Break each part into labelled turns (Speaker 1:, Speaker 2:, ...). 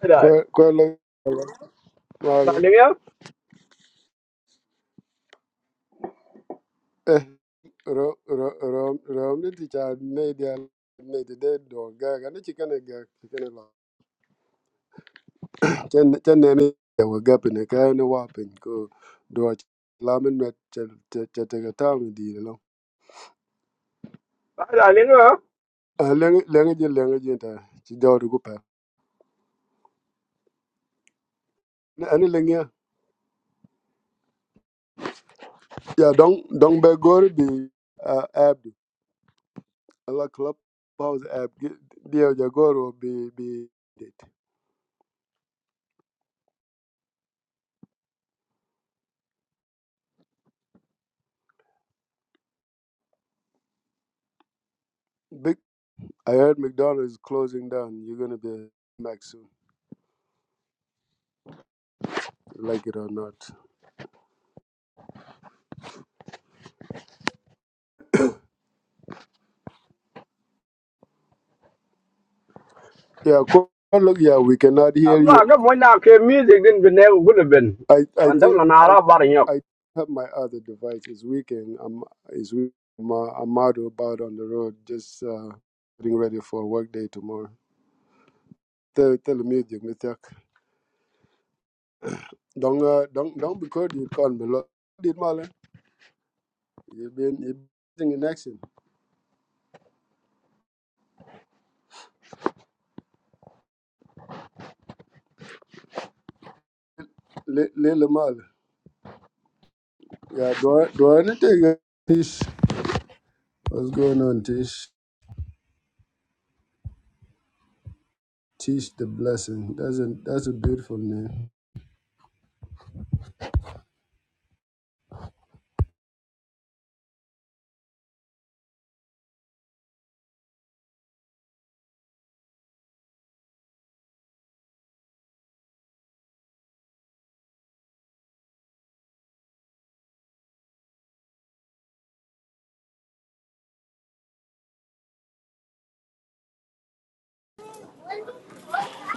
Speaker 1: Ada,
Speaker 2: Kwa kwa lo wala
Speaker 1: darling ya,
Speaker 2: eh ro ro ro ro ni ti cha ne dia ne ti de do ga ga ni chi kana ga chi kana la chen chen ne ni ya wa ga pin ka ni wa pin ko do ch- la min met cha cha cha ta ga ta mi di lo
Speaker 1: darling ya.
Speaker 2: a le le ngi je le ngi je ta chi do ru ku pa ni ani le ngi ya Ya, dong dong be gor bi a ab ala club pause ab dia ja goro bi bi I heard McDonald's is closing down. You're gonna be a Mac soon, like it or not. Yeah, go- look, yeah, we cannot hear
Speaker 1: Amma
Speaker 2: you.
Speaker 1: ga mo na ke music din bin ne gudu bin.
Speaker 2: I, I
Speaker 1: Wanda
Speaker 2: think
Speaker 1: na na ra bar nyok.
Speaker 2: I, I have my other device. It's weekend. I'm, it's week. I'm, uh, I'm out about on the road, just uh, getting ready for work day tomorrow. Tell, tell the music, Mr. Don't, uh, don't, don't because you call me. be Did Mala? You've been, you've been in action. Little Mala. Yeah, do I, do I need to take a- Tish? What's going on, Tish? Teach the blessing. That's a that's a beautiful name.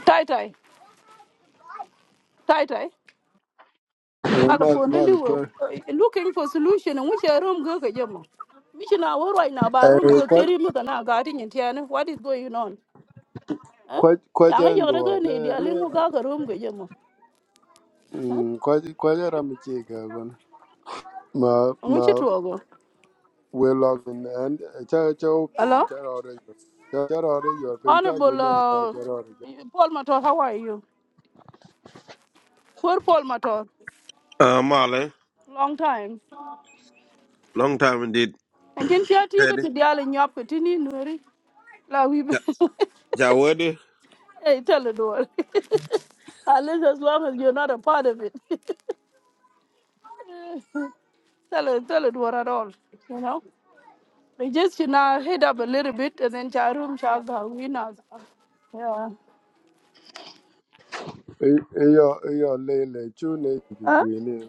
Speaker 3: Tai tai, tai tai.
Speaker 2: Eh,
Speaker 3: Ala
Speaker 2: Mal
Speaker 3: ponde liwo
Speaker 2: Malquer.
Speaker 3: eh, looking for solution and which room go ka jemo. Mission hour right now ba
Speaker 2: Eh,
Speaker 3: room go
Speaker 2: kwa
Speaker 3: kiri mu kana ga tin tiane. What is going on? Huh?
Speaker 2: kwa kwa
Speaker 3: Shanga yore go
Speaker 2: jandor.
Speaker 3: ne dia
Speaker 2: Ne ne.
Speaker 3: lingu ga ka room go jemo. Huh?
Speaker 2: Mm, kwa kwa jara michiga gon. Ma
Speaker 3: Which to
Speaker 2: ma
Speaker 3: go.
Speaker 2: we log in and eh, cha cha
Speaker 3: Hello?
Speaker 2: open cha ore cha cha ore your pin cha ju
Speaker 3: Honorable
Speaker 2: ne cha
Speaker 3: uh,
Speaker 2: cha ore.
Speaker 3: Paul Mator, how are you? Poor Paul Mator.
Speaker 4: Uh, Marley,
Speaker 3: Long time.
Speaker 4: long time indeed.
Speaker 3: And can you go
Speaker 4: Teddy.
Speaker 3: to the alley nyap tini nweri? La we
Speaker 4: Ja, Jawadi.
Speaker 3: Hey, tell the door. At least as long as you're not a part of it. tell it, tell it what at all, you know? We just, you know, head up a little bit and then Charum Chaga, we know. Yeah.
Speaker 2: Iyo iyo lele chu ne the
Speaker 3: Huh?
Speaker 2: green. eh,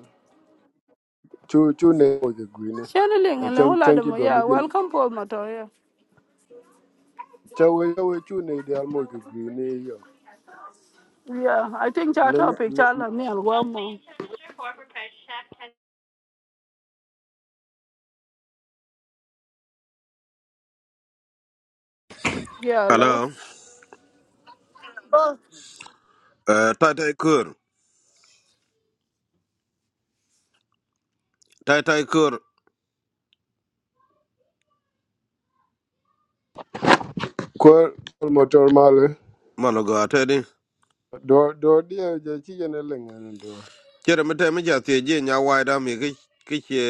Speaker 2: Chu chu the green. eh,
Speaker 3: Channeling
Speaker 2: eh,
Speaker 3: and
Speaker 2: Chang
Speaker 3: all of
Speaker 2: chang ki
Speaker 3: them,
Speaker 2: do mi
Speaker 3: yeah.
Speaker 2: gin.
Speaker 3: Welcome, Paul Mato, yeah.
Speaker 2: Cha we the almo the green iyo.
Speaker 3: Yeah, I think our topic, Charla, me and one more. Yeah,
Speaker 4: Hello.
Speaker 3: love.
Speaker 4: Uh, tai tai kur. Tai tai kur.
Speaker 2: Kwar motor male
Speaker 4: Manoga, Teddy.
Speaker 2: do do dia je chi ne lengen do
Speaker 4: Chere me teme ja tie je nya waida mi ki ki che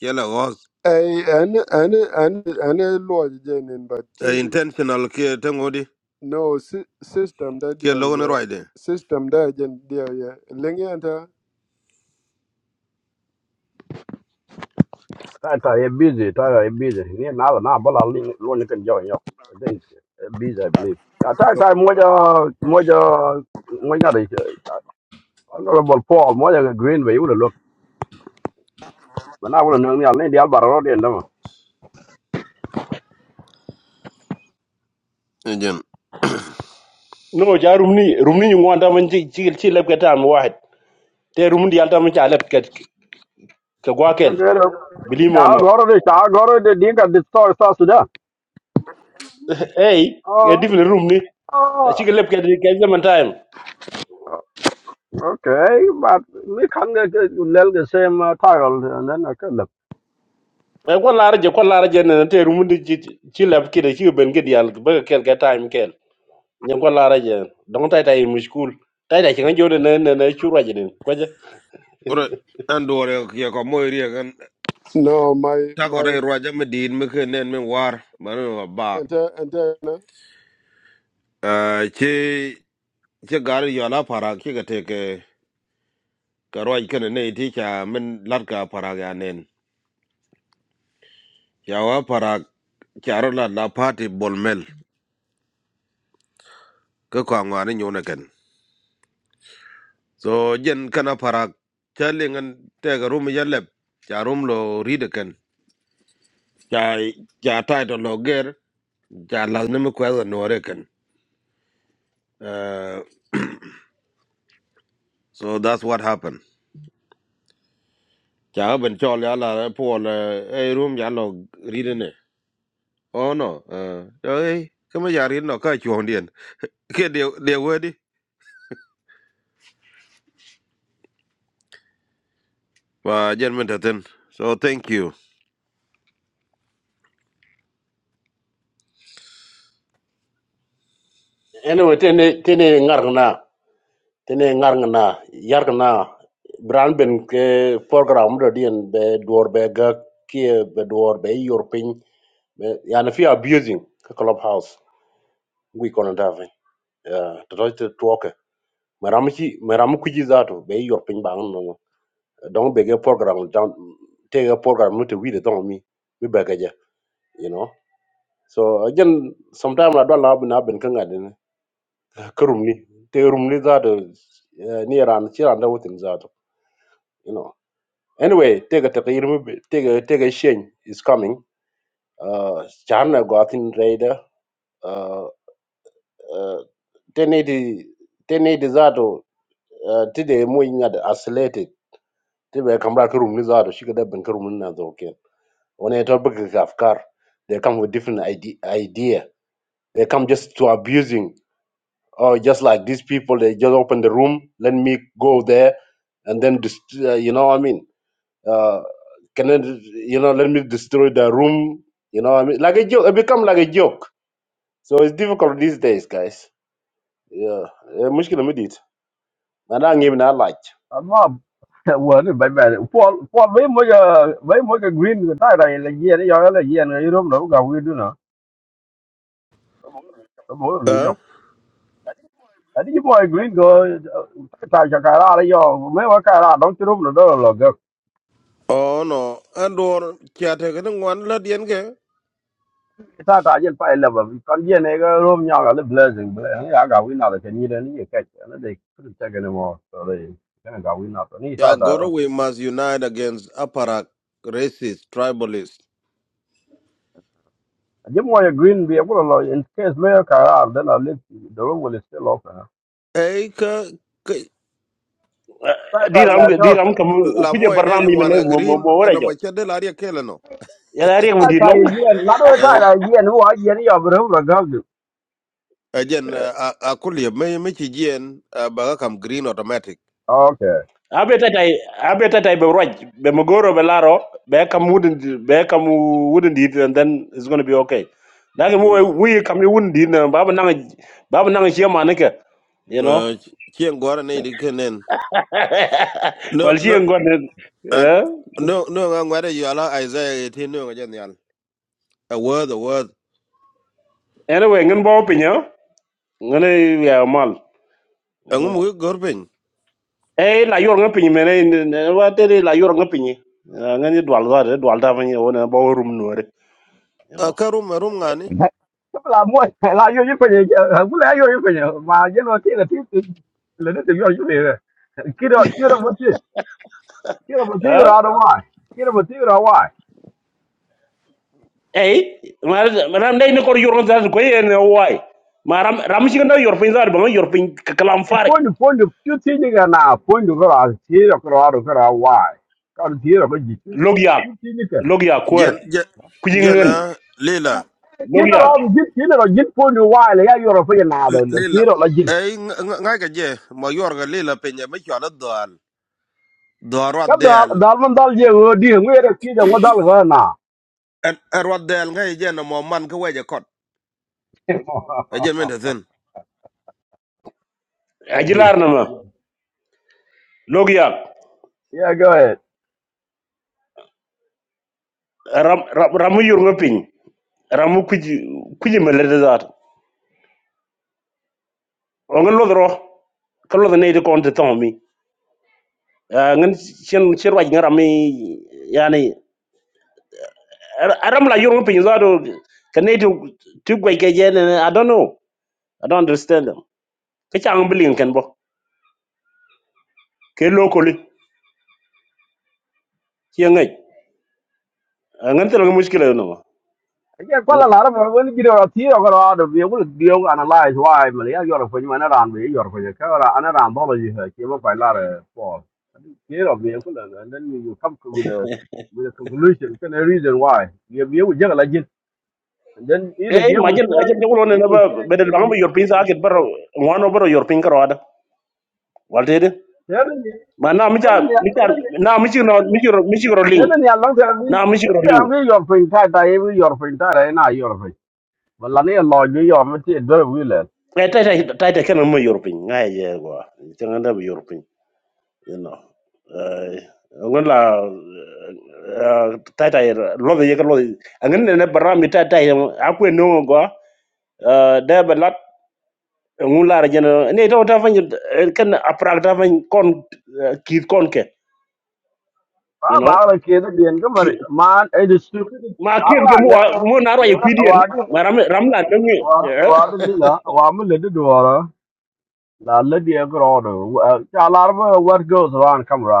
Speaker 4: che la os.
Speaker 2: ai an an an an lo je nen but chi
Speaker 4: Uh, intentional ke tengodi
Speaker 2: no sy- system da
Speaker 4: ke
Speaker 2: dia
Speaker 4: lo ne
Speaker 2: ye
Speaker 4: roide.
Speaker 2: system da je dia ye lengen ta
Speaker 1: Ta ta ye busy, ta ye busy. Ni na la na bala li lo ni kan jaw nyok. Then busy I believe. Ta ta ta mo ja mo ja mo ga dai. Ana bol po mo ja green way ulo look. Mana ulo no ni al ni dial bar ro den dama.
Speaker 4: Ejen.
Speaker 5: no ja rumni rumni ni wanda man ci ci ci leb kata am wahid te rumni yalta man ci alab kat ka
Speaker 1: Ke
Speaker 5: gwakel
Speaker 1: ke ro.
Speaker 5: believe or
Speaker 1: Ta
Speaker 5: not
Speaker 1: ro ro de ta ro de di ka distort sa suda.
Speaker 5: hey e
Speaker 1: Oh.
Speaker 5: difne rumni ci
Speaker 1: Oh.
Speaker 5: leb kat ke zaman time
Speaker 1: Okay, but we can get get- you let the same uh, title uh, and then okay look.
Speaker 5: e ko laara je ko laara je ne te rumni ci ci leb ki de ci ben ged yal ba kel ka time kel ni ko laara je don tay tay mu school tay tay ci nga jode ne ne ci roje den ko je
Speaker 4: Ora andore ke ko moy rie kan
Speaker 2: no my
Speaker 4: ta ko
Speaker 2: my
Speaker 4: re roja me din me ke nen me war. Manu ba.
Speaker 2: enter enter
Speaker 4: Uh, che che gar yo la para ki ke teke ka roj kene ne iti cha min lat ka parak ya nen cha wa parak cha ro lat la party bol mel ka kwa ngwani nyone ken so jen kana parak cha lingan te ka rum ya lep cha rum lo ride ken cha cha tai to lo ger cha la nemu kwa za no re ken uh, so that's what happened cha ben chol ya la po le e rum ya lo ride ne oh no uh, hey kama ya ride no ka chuon dien ke de de we di và dân mình thật tin. so thank you
Speaker 5: ene tene tene ngar na tene ngar ngana yar ngana bran ben ke program do dien be door be ga ke be door be yor pin yani fi abusing ke club house we kono dave to do to toke maram ci maram ku ji zato be yor pin ba no don be ge program don te ge program no te wi de don mi mi be ga ja you know so again sometimes i don't love na ben kan ga den kerum ni te rum ni zato ni ran ci ran da wutin zato Anyway, take a take a take a take a change is coming. Uh, China got in radar. Uh, uh, they need they need uh, today mo inga the isolated. They were come back room that she could have been room na do okay. When I talk about Kafkar, they come with different idea, idea. They come just to abusing or just like these people. They just open the room, let me go there, and then dist- uh, you know what I mean Uh, can I, you know, let me destroy the room. You know, what I mean, like a joke. It become like a joke. So it's difficult these days, guys. Yeah, Eh, مشكلة مديت. ما أنا أنجي من ألاج.
Speaker 1: I'm not worried about that. For for we make a we make a green the title in the year you are like year you don't know what we do now. So more no
Speaker 4: ờ
Speaker 1: yo. I think you boy green go ta cha ka ra yo me wa ka ra don't you know do lo go.
Speaker 4: oh no andor cha cái kan wan là dien ke
Speaker 1: Ta ta yen pa level we can get a room ya the blessing but uh, yeah, I got we not uh, can you then you catch and they couldn't take anymore so they can go we not. Ni
Speaker 4: ya God
Speaker 1: ta
Speaker 4: we must unite against aparak racist tribalist
Speaker 1: Jim Moya Green be able to in case Mayor Karar, then I leave the room will still open.
Speaker 4: Ê, cái ấy ka
Speaker 5: دير أم دير أم كم
Speaker 4: la mo
Speaker 5: كذا
Speaker 4: ene ni
Speaker 5: برنامج من هذا
Speaker 4: wan
Speaker 5: مو مو
Speaker 4: green
Speaker 5: مو
Speaker 4: eno
Speaker 5: ورجع.
Speaker 4: ma cha de la ria kele no
Speaker 5: يلا ريك مدير
Speaker 1: I
Speaker 5: لون.
Speaker 1: yen, not only
Speaker 4: ờ
Speaker 1: I yen, who I yen of the government.
Speaker 4: ajen a kulie mấy mấy chị jien ba ga kam green automatic
Speaker 1: Okay.
Speaker 5: أبي تتاي أبي تتاي بروج بمغورو بلارو بكم wouldn't بكم wouldn't eat and then it's gonna be okay. Like
Speaker 4: Mm.
Speaker 5: مو we كم wouldn't eat بابا نعى بابا نعى شيء ما نكه. You know.
Speaker 4: ờ chien gora ne di kenen no
Speaker 5: wal ci
Speaker 4: no
Speaker 5: en gon
Speaker 4: ờ,
Speaker 5: eh
Speaker 4: no no ngwa de yala isaiah 18 no ga jan yal a word a word
Speaker 5: ene we ngin bo pinyo ngene ya mal
Speaker 4: angum wi gorben
Speaker 5: eh la yor ngam pinyi mene ne wa tere la yor ngam pinyi ngani dwal da dwal da fanya wona bo rum nore you know
Speaker 4: akarum arum ngani
Speaker 1: Couple of more, I you you can, I will have you can, my general thing, the thing, the little you you here. Kid up, kid up, kid up, kid
Speaker 5: eh
Speaker 1: out of why. Kid up, kid out why.
Speaker 5: eh mar ram dai ne ko yor ngam da ko yen wai maram ram ci ngam yor pin da ba yor pin kalam farik
Speaker 1: Point to point to two things and now point to go out, kid up, out of why. Come here, but
Speaker 5: logia,
Speaker 1: you.
Speaker 5: logyal kwer
Speaker 4: jen je-
Speaker 5: kujingen
Speaker 4: jena
Speaker 1: kilo la
Speaker 4: lila
Speaker 5: logyal
Speaker 1: jin kilo la jin po ni wa le ya yoro fe na
Speaker 4: L-
Speaker 1: do
Speaker 4: lila
Speaker 1: kilo la jin
Speaker 4: ay ngai ka je ma yorga lila penya ma chola dal dal
Speaker 1: ka dal
Speaker 4: rodel
Speaker 1: dal man dal je o di ngwe re ti da ngodal ga na
Speaker 4: en rodel ngai e jena mo man ka weje kot e jen men thin
Speaker 1: you
Speaker 5: ajilar na ma logyal
Speaker 1: yeah go ahead
Speaker 5: ram ram yor ngam ramu kuji kuji melede zat o ngen lo dro ka lo ne de kon de ton mi Ah, ngen chen chen wa ngi rami yani ar- aram la yoro pin zat ka ne de tu gwe ke je ne i don't know i don't understand them ka cha ang bilin ken bo ke lo ko li che ngai Ah, ngen tero mushkila no ma
Speaker 1: again
Speaker 5: you
Speaker 1: kwala
Speaker 5: know
Speaker 1: la ra when you do ti ro ga ra do we will deal analyze why me ya yoro fe ni na ran we yoro fe ka ra ana ran do ji ha ki mo pa la re for kilo we will and then you come with a with a conclusion kind of reason why you we will je la And then either
Speaker 5: eh
Speaker 1: we will
Speaker 5: majin
Speaker 1: try,
Speaker 5: ajin jogo ne
Speaker 1: you
Speaker 5: na
Speaker 1: will
Speaker 5: ba
Speaker 1: change
Speaker 5: bedel ba
Speaker 1: here, you
Speaker 5: ngi yor
Speaker 1: will
Speaker 5: pin
Speaker 1: say the
Speaker 5: sa ket
Speaker 1: same way.
Speaker 5: baro ngono baro yor pin karo ada walde de
Speaker 1: Seven years,
Speaker 5: ma na mi
Speaker 1: seven
Speaker 5: cha
Speaker 1: years,
Speaker 5: mi cha
Speaker 1: seven years,
Speaker 5: na mi chi no mi chi ro mi chi ro ling
Speaker 1: seven years, long term, we,
Speaker 5: na mi chi ro
Speaker 1: long
Speaker 5: ling
Speaker 1: term, we your friend, that I am your friend, that I am not your friend. But Lani and Lord, you are my dear, very willing.
Speaker 5: Eh, tata, taita kana mo yorpin ngai ye go tanga da yorpin you know eh ngon la eh, taita ye lo ye ko angin ne barami taita ye akwe no go eh da balat ngun la jena ne to ta fanyi kan aprak ta fanyi kon eh, kid kon ke you
Speaker 1: Ah,
Speaker 5: know
Speaker 1: Bala Kid, the Encumber,
Speaker 5: Ki-
Speaker 1: man, it is stupid.
Speaker 5: ma kien ke
Speaker 1: Papa,
Speaker 5: mo
Speaker 1: never.
Speaker 5: mo na ro ye
Speaker 1: Never, Wadu,
Speaker 5: ma ram ramla ngi
Speaker 1: Wadu Lila, Wamu Lady Dora, La Lady Agrado. Alarma, what goes around, come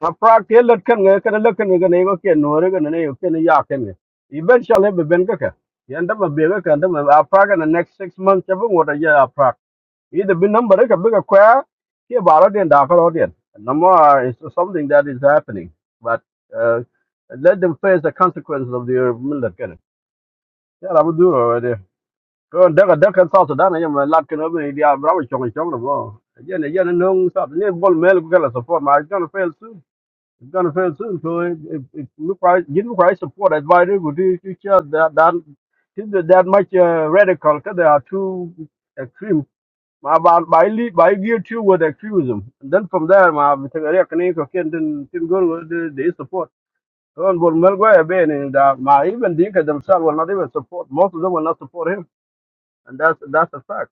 Speaker 1: a prak ke lot kan ga kan lot kan ga ne go ken no re ga ne yo ken ya ken ga iben shale be ben ga ka yanda ma be ga kan da ma a prak na next 6 months ya bu wada ya a prak i de bin number ka be ga kwa ke ba den da ka ro den no more is something that is happening but uh, let them face the consequences of their millet kan ya la bu du ro de ko da ga da kan sa to da na ya ma lat kan obi dia bra chong chong no bo ya ne ya ne no sa ne bol mel ku kala support ma I gonna fail it's gonna fail soon. So if if, if look right, give look right support. Advisor would do future that that think that that much uh, radical because they are too extreme. My by by lead by gear two with extremism. And then from there, my Victoria can can then then go with the, the support. So on Melgoya Ben and uh, my even Dinka themselves will not even support. Most of them will not support him, and that's that's a fact.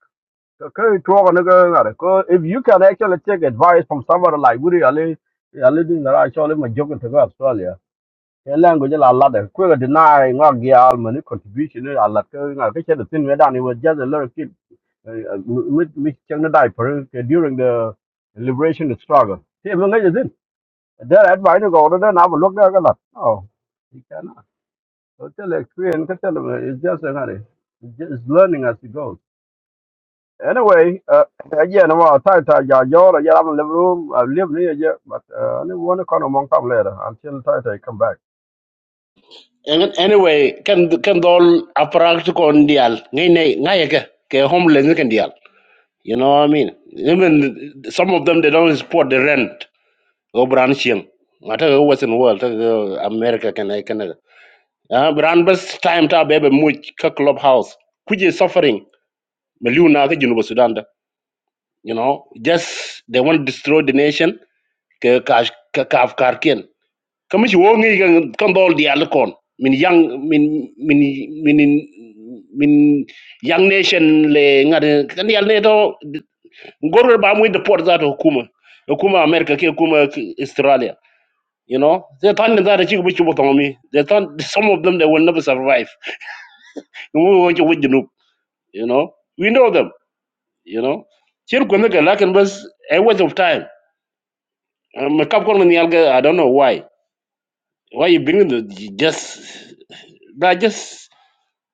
Speaker 1: So kawai tuwa wani garin ada. Ko if you can actually take advice from somebody like Woody Ali, Ali didn't actually my joke to go Australia cái language là là để quên là deny ngõ gia mà nó contribution là là cái ngõ cái chuyện tin với đàn was just a little kid with with chẳng nó đại for during the liberation struggle thì mình nghe gì đó là advice nó gọi đó nào mà lúc đó cái là oh you cannot so tell experience cái tell it's just a matter it's just learning as it goes anyway uh, again about time time ya yo ya I'm in the room I live near you but uh, I want to come among time later until time I come back
Speaker 5: Ang- anyway kan kan dol aparak to kon dial ngay nay ngay ke ke homeless ni kan dial you know what i mean even some of them they don't support the rent go branching mata go western world ta go america kan ay canada ah brand bus time ta bebe much ka clubhouse kuje suffering million na ka jinu sudan da you know just they want to destroy the nation ke ka ka ka afkar kamishi wo ngi kan kan dol di al kon min yang min min min min young nation le ngade kan yal ne do gorol ba muy de port za to hukuma hukuma america ke hukuma australia you know they tan da da ci bu ci botomi they tan some of them they will never survive we want to with you you know we know them you know here ko naka lakin bas a waste of time ma kap ko ni yalga i don't know why why you bring the just that just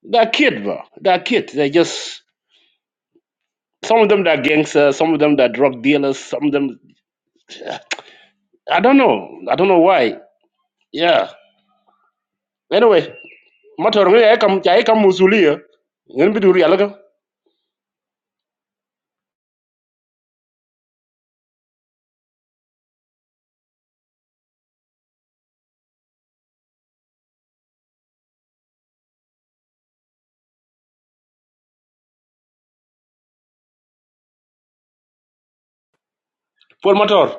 Speaker 5: They're kids, bro. They're kids. They just some of them they're gangsters, some of them they're drug dealers, some of them I don't know. I don't know why. Yeah. Anyway, motor ngi ay kam ay kam musuliya. Ngeen bi dur yalla ko. Paul motor.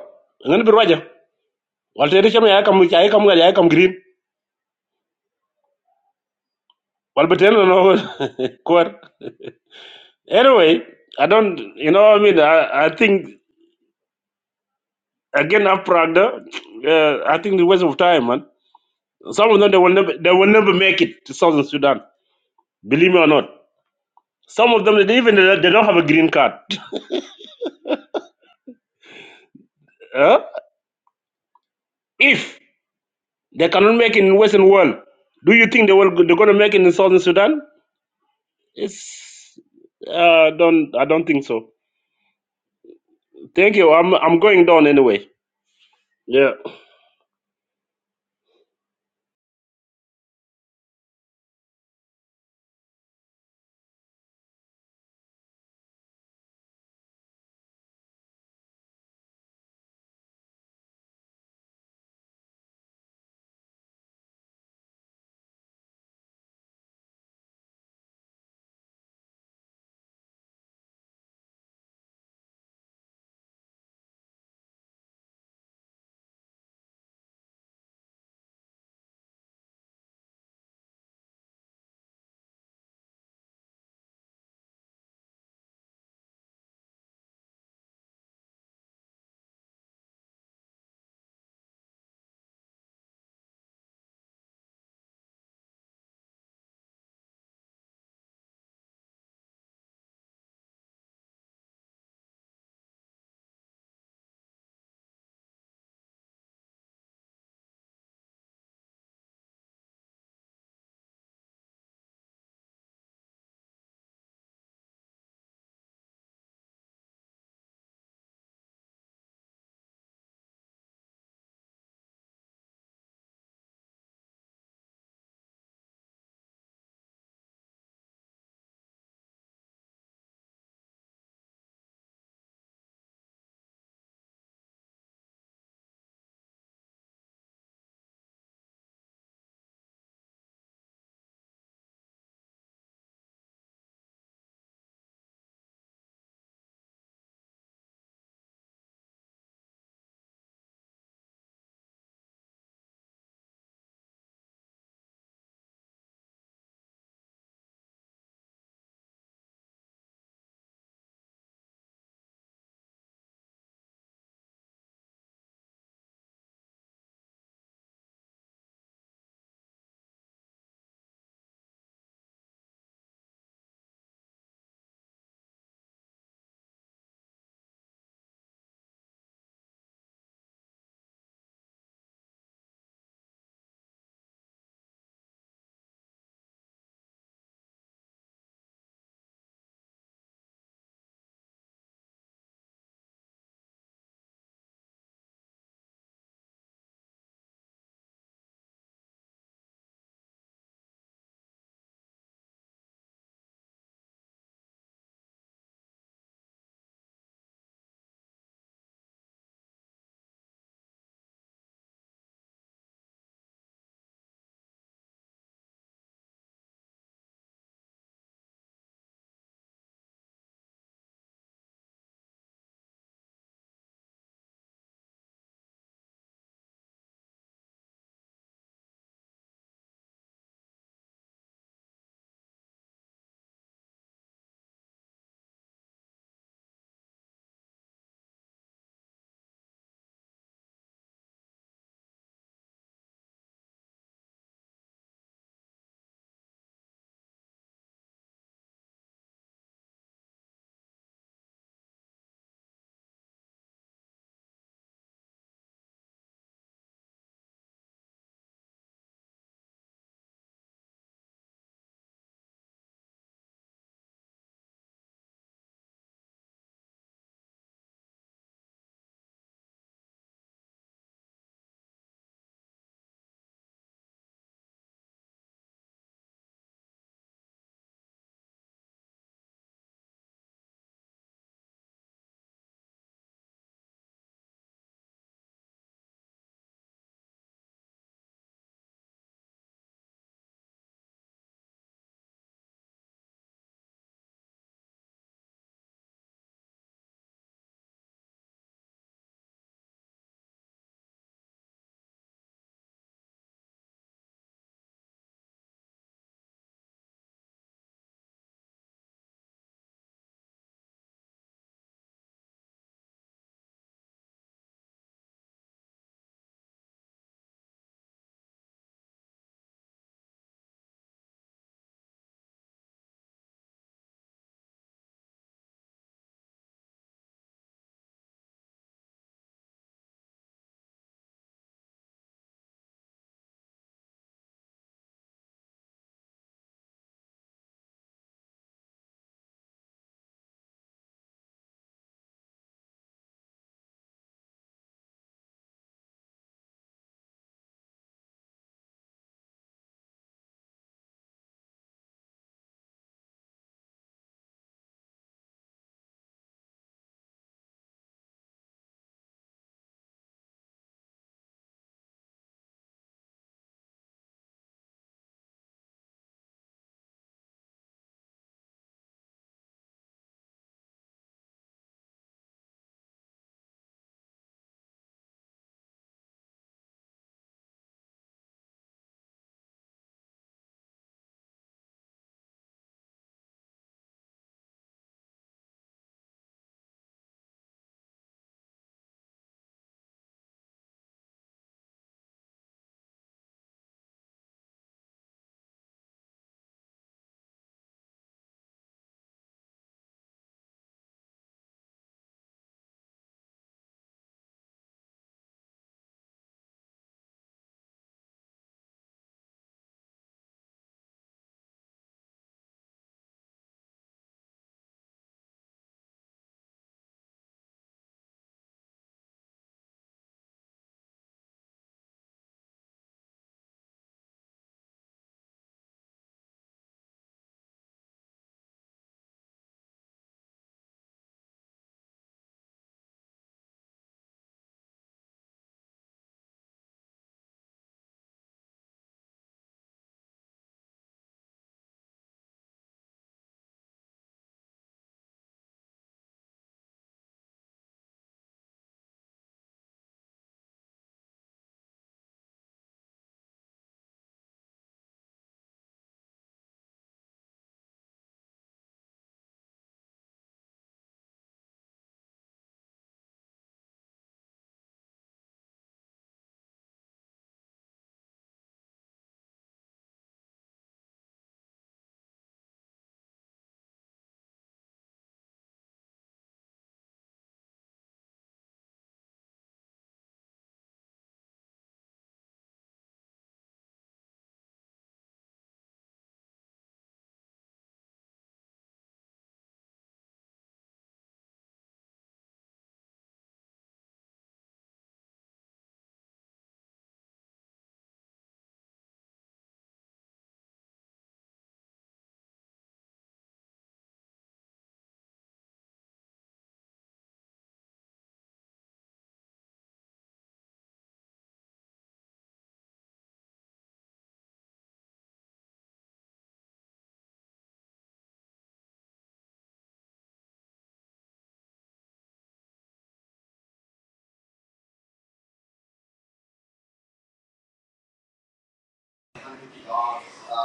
Speaker 5: Ngeen bi waja. Wal te ci ay kam ay kam ay come, green. Wal ba ten no kor. Anyway, I don't you know what I mean I, I think again after Agda, uh, I think the waste of time man. Some of them they will never they will never make it to Southern Sudan. Believe me or not. Some of them, they even they don't have a green card. Huh? If they cannot make it in Western world, do you think they will they're gonna make it in Southern Sudan? It's uh, don't I don't think so. Thank you. I'm I'm going down anyway. Yeah.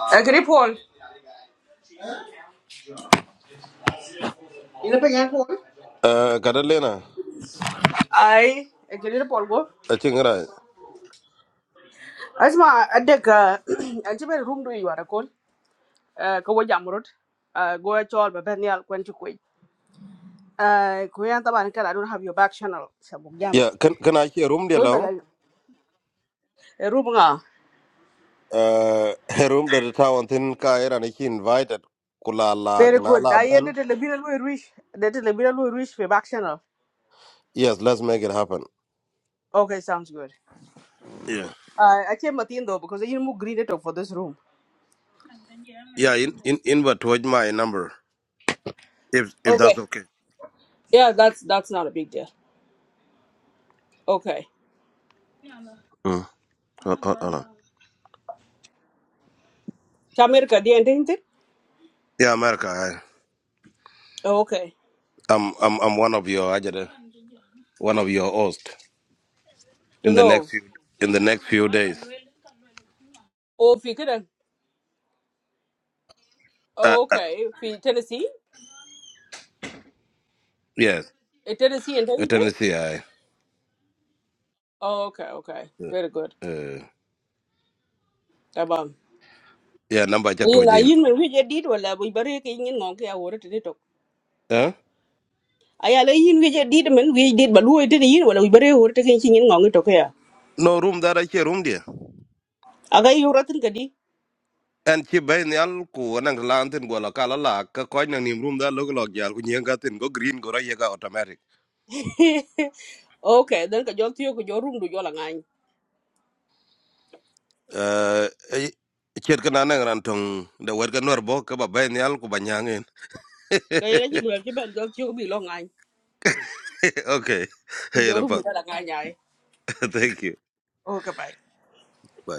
Speaker 6: Agree, Paul. You know اجري بول ينبه يا بول
Speaker 4: eh kada lena
Speaker 6: اي اجري بول بول
Speaker 4: a chingra
Speaker 6: اسمع عندك room بين you, دو يوارا كون كو جامرود go e chol ba ben yal kwen chukwe ai kuyan taban I don't have your back channel sabu jam
Speaker 4: ya kan kana chi rum de
Speaker 6: ko
Speaker 4: law
Speaker 6: bala room nga
Speaker 4: eh rum de tawon tin ka era ni chi invited kula la
Speaker 6: very
Speaker 4: gna
Speaker 6: good
Speaker 4: la
Speaker 6: na
Speaker 4: ben
Speaker 6: yende de le bira lu ruish de de le bira lu ruish fe back channel
Speaker 4: yes let's make it happen
Speaker 6: okay sounds good
Speaker 4: yeah
Speaker 6: uh, i came at the end though because you move green it up for this room
Speaker 4: yeah in in invert with my number If if
Speaker 6: okay
Speaker 4: that's okay.
Speaker 6: yeah that's that's not a big deal okay
Speaker 4: Mm. Hold, hold, hold on.
Speaker 6: chamir ka di ente inte
Speaker 4: Yeah, America. I,
Speaker 6: okay
Speaker 4: I'm I'm I'm one of your Ajede, one of your hosts in the next
Speaker 6: Dunno.
Speaker 4: few in the next few days.
Speaker 6: Oh, if you could
Speaker 4: Uh,
Speaker 6: Oh,
Speaker 4: uh,
Speaker 6: okay. If Tennessee?
Speaker 4: yes,
Speaker 6: In Tennessee and
Speaker 4: uh,
Speaker 6: Tennessee.
Speaker 4: Tennessee. I
Speaker 6: Oh, okay, okay.
Speaker 4: uh,
Speaker 6: Very good.
Speaker 4: uh,
Speaker 6: Tabam.
Speaker 4: yeah number chat to
Speaker 6: Yin a yin men wij did wala we bare ke yin ngong ke awore te tok.
Speaker 4: Huh?
Speaker 6: Aya la yin wij did men We did ba luo e te yin wala we bare awore te ke yin ngong to ke ya.
Speaker 4: No room that I share room there.
Speaker 6: Aga yu ratin ka di.
Speaker 4: And she bay ni al ku anang lantin go la kala la ka koi nang nim room that log log yal ku nyeng katin go green go ra yega automatic.
Speaker 6: Okay, then ka jol tiyo ko jorum du jola ngany.
Speaker 4: Uh, eh, chet kana nang rantong the word kanor bo ka ba bay ni al ku banyangen.
Speaker 6: Ka yin a jin wel ke ben jol tiyo ko bi lo ngany.
Speaker 4: okay.
Speaker 6: Ko
Speaker 4: Hey,
Speaker 6: jorum du
Speaker 4: Rapat.
Speaker 6: jola ngany
Speaker 4: Thank you.
Speaker 6: Okay, bye.
Speaker 4: Bye.